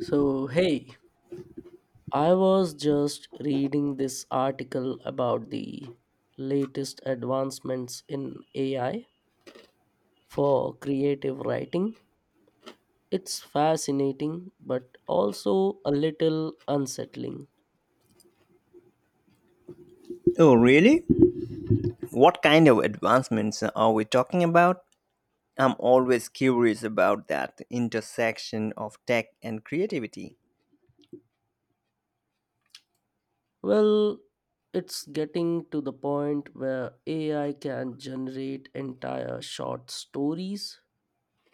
So, hey, I was just reading this article about the latest advancements in AI for creative writing. It's fascinating, but also a little unsettling. Oh, really? What kind of advancements are we talking about? I'm always curious about that intersection of tech and creativity. Well, it's getting to the point where AI can generate entire short stories,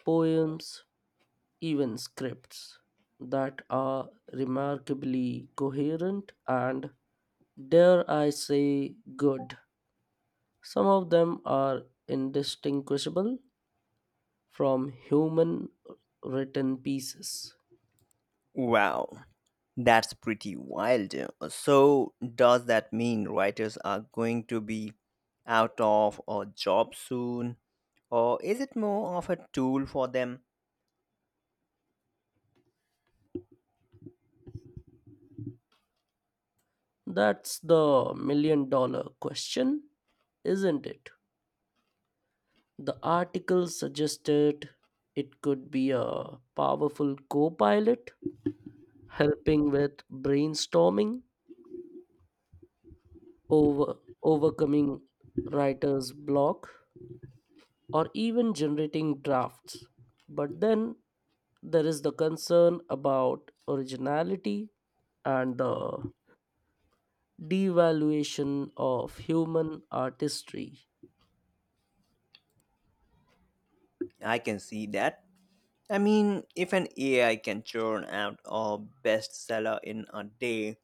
poems, even scripts that are remarkably coherent and, dare I say, good? Some of them are indistinguishable from human written pieces. Wow, that's pretty wild. So, does that mean writers are going to be out of a job soon? Or is it more of a tool for them? That's the $1 million question, isn't it? The article suggested it could be a powerful co pilot, helping with brainstorming, over, overcoming writer's block, or even generating drafts. But then there is the concern about originality and the devaluation of human artistry. I can see that. I mean, if an AI can churn out a bestseller in a day,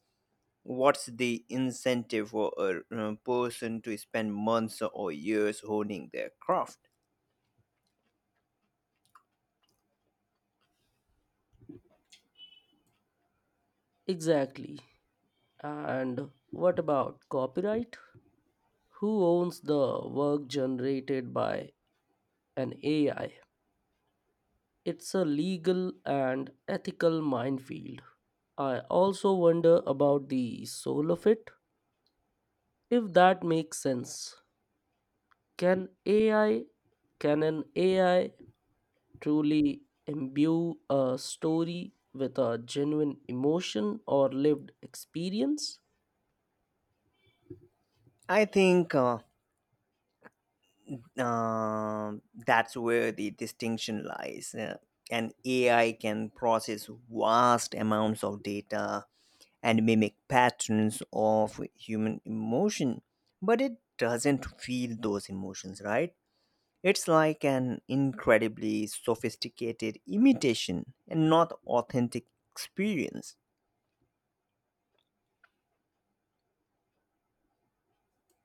what's the incentive for a person to spend months or years honing their craft? Exactly. And what about copyright? Who owns the work generated by an AI? It's a legal and ethical minefield. I also wonder about the soul of it. If that makes sense, can AI can an AI truly imbue a story with a genuine emotion or lived experience? I think that's where the distinction lies, an ai can process vast amounts of data and mimic patterns of human emotion, but it doesn't feel those emotions, right? It's like an incredibly sophisticated imitation and not authentic experience.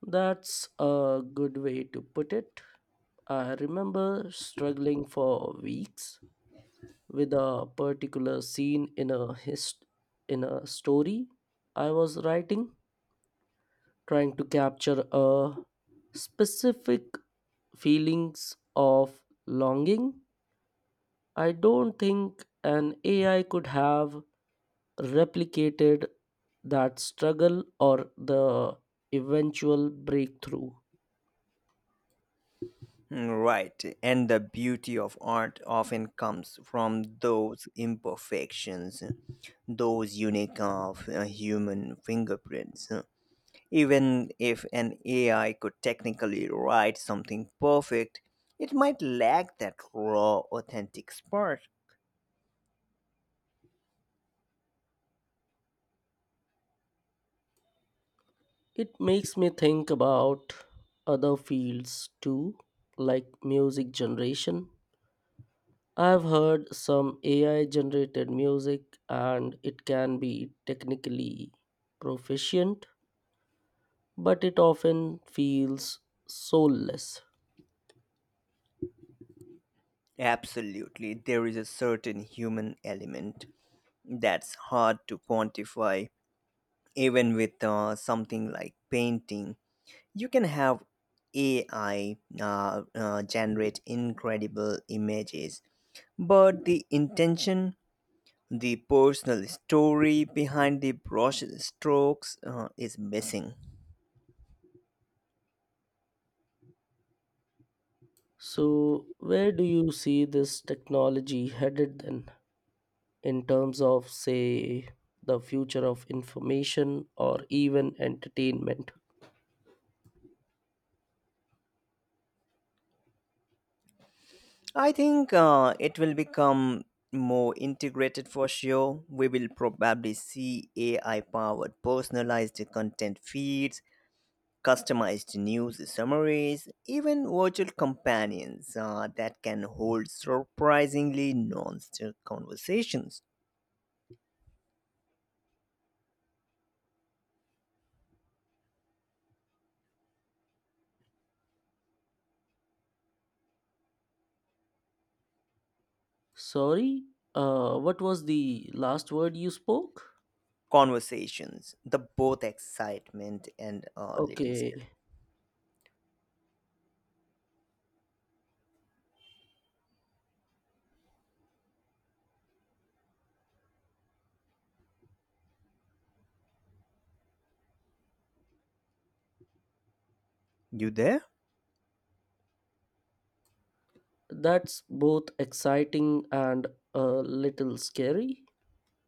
That's a good way to put it. I remember struggling for weeks with a particular scene in a story I was writing, trying to capture a specific feelings of longing. I don't think an AI could have replicated that struggle or the eventual breakthrough. Right, and the beauty of art often comes from those imperfections, those unique of human fingerprints. Even if an AI could technically write something perfect, it might lack that raw, authentic spark. It makes me think about other fields too, like music generation. I've heard some AI generated music and it can be technically proficient, but it often feels soulless. Absolutely, there is a certain human element that's hard to quantify. Even with something like painting, you can have AI generate incredible images, but the intention, the personal story behind the brush strokes is missing. So, where do you see this technology headed then, in terms of, say, the future of information or even entertainment? I think it will become more integrated for sure. We will probably see AI powered personalized content feeds, customized news summaries, even virtual companions that can hold surprisingly nuanced conversations. Sorry, what was the last word you spoke? Conversations, the both excitement and little skill. Okay, You there? that's both exciting and a little scary.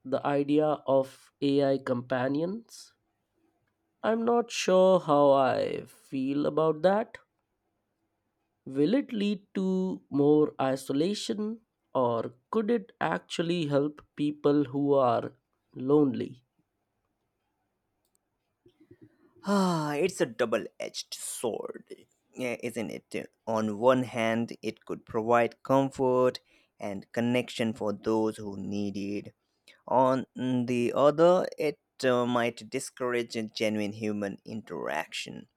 The idea of AI companions. I'm not sure how I feel about that. Will it lead to more isolation or could it actually help people who are lonely? Ah, it's a double-edged sword, yeah, isn't it? On one hand, it could provide comfort and connection for those who need it. On the other, it might discourage a genuine human interaction.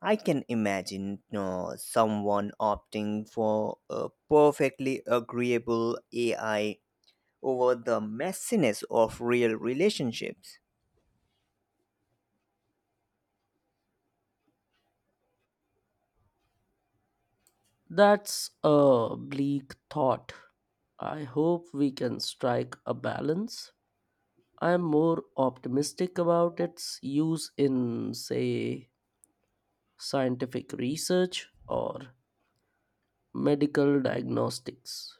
I can imagine someone opting for a perfectly agreeable AI over the messiness of real relationships. That's a bleak thought. I hope we can strike a balance. I'm more optimistic about its use in, say, scientific research or medical diagnostics.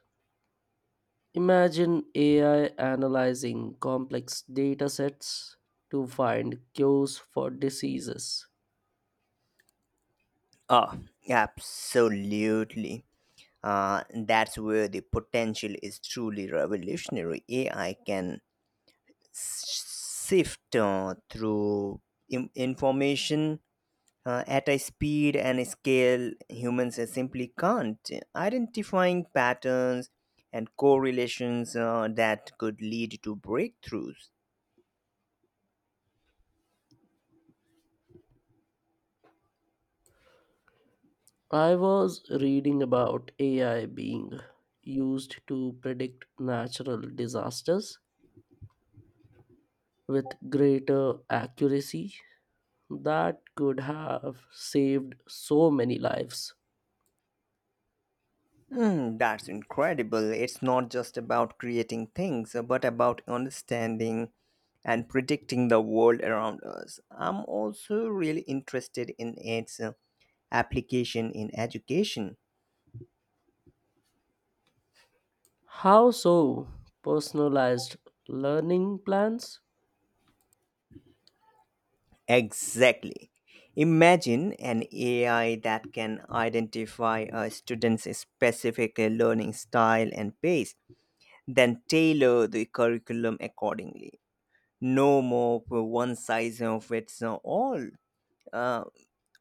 Imagine AI analyzing complex data sets to find cures for diseases. Oh, absolutely. That's where the potential is truly revolutionary. AI can sift through information at a speed and scale humans simply can't, identifying patterns and correlations that could lead to breakthroughs. I was reading about AI being used to predict natural disasters with greater accuracy that could have saved so many lives. Hmm, that's incredible. It's not just about creating things, but about understanding and predicting the world around us. I'm also really interested in its application in education. How so? Personalized learning plans? Exactly. Imagine an AI that can identify a student's specific learning style and pace, then tailor the curriculum accordingly. No more for one size fits all uh,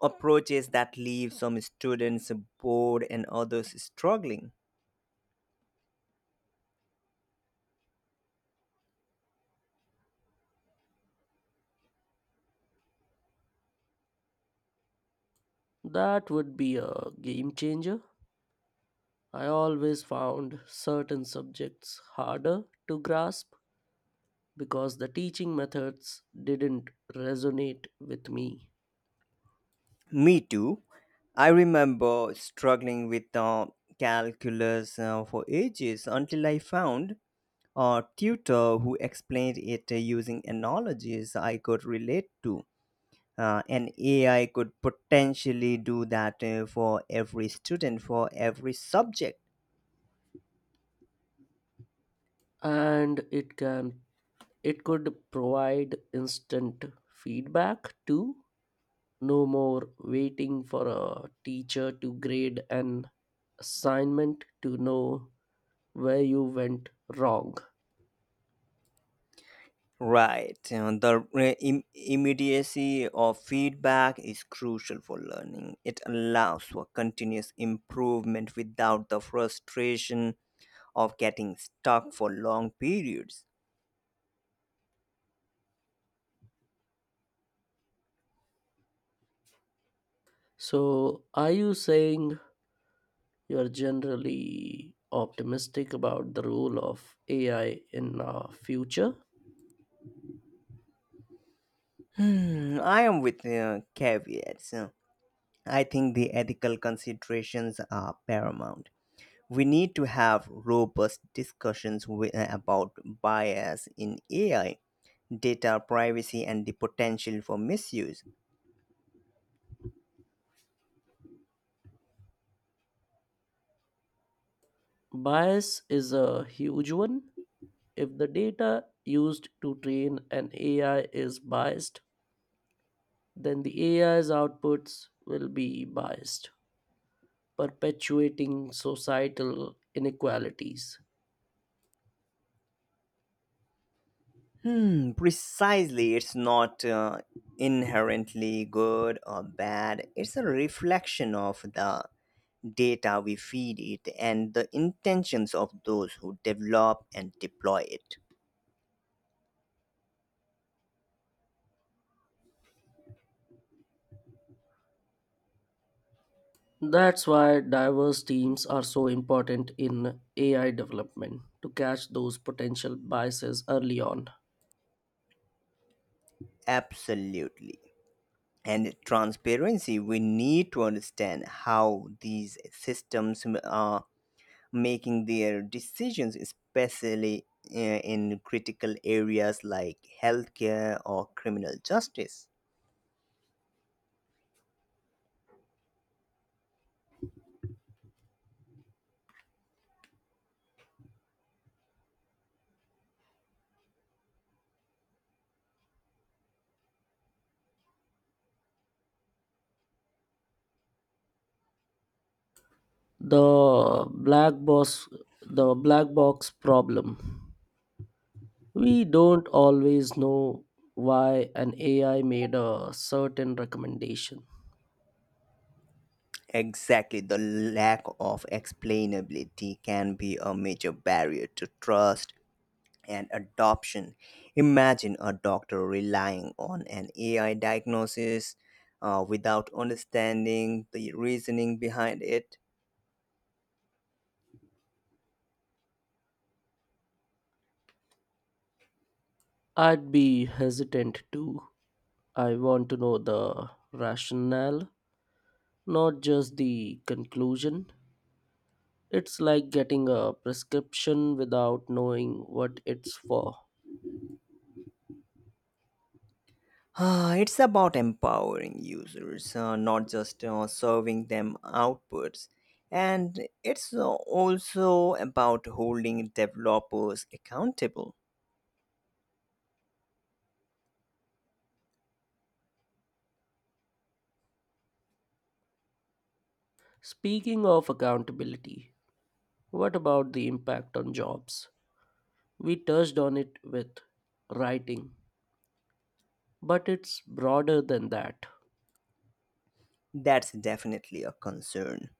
approaches that leave some students bored and others struggling. That would be a game changer. I always found certain subjects harder to grasp because the teaching methods didn't resonate with me. Me too. I remember struggling with calculus for ages until I found Or tutor who explained it using analogies I could relate to. An AI could potentially do that for every student, for every subject. And it could provide instant feedback too. No more waiting for a teacher to grade an assignment to know where you went wrong. Right. You know, the immediacy of feedback is crucial for learning. It allows for continuous improvement without the frustration of getting stuck for long periods. So, are you saying you're generally optimistic about the role of AI in our future? Hmm, I am, with caveats. I think the ethical considerations are paramount. We need to have robust discussions about bias in AI, data privacy, and the potential for misuse. Bias is a huge one. If the data used to train an AI is biased, then the AI's outputs will be biased, perpetuating societal inequalities. Hmm, precisely, it's not inherently good or bad, it's a reflection of the data we feed it and the intentions of those who develop and deploy it. That's why diverse teams are so important in AI development to catch those potential biases early on. Absolutely. And transparency, we need to understand how these systems are making their decisions, especially in critical areas like healthcare or criminal justice. The black box the black box problem. We don't always know why an AI made a certain recommendation. Exactly, the lack of explainability can be a major barrier to trust and adoption. Imagine a doctor relying on an ai diagnosis without understanding the reasoning behind it. I'd be hesitant to. I want to know the rationale, not just the conclusion. It's like getting a prescription without knowing what it's for. It's about empowering users, not just serving them outputs. And it's also about holding developers accountable. Speaking of accountability, what about the impact on jobs? We touched on it with writing, but it's broader than that. That's definitely a concern.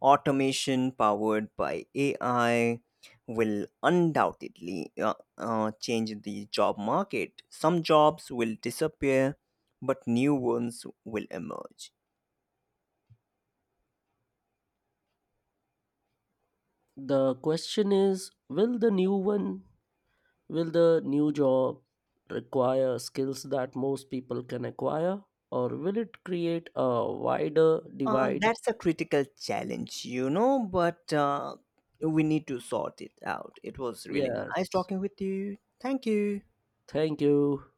Automation powered by AI will undoubtedly change the job market. Some jobs will disappear, but new ones will emerge. The question is will the new job require skills that most people can acquire, or will it create a wider divide? That's a critical challenge, you know, but we need to sort it out. It was really nice Yes. talking with you. Thank you. Thank you.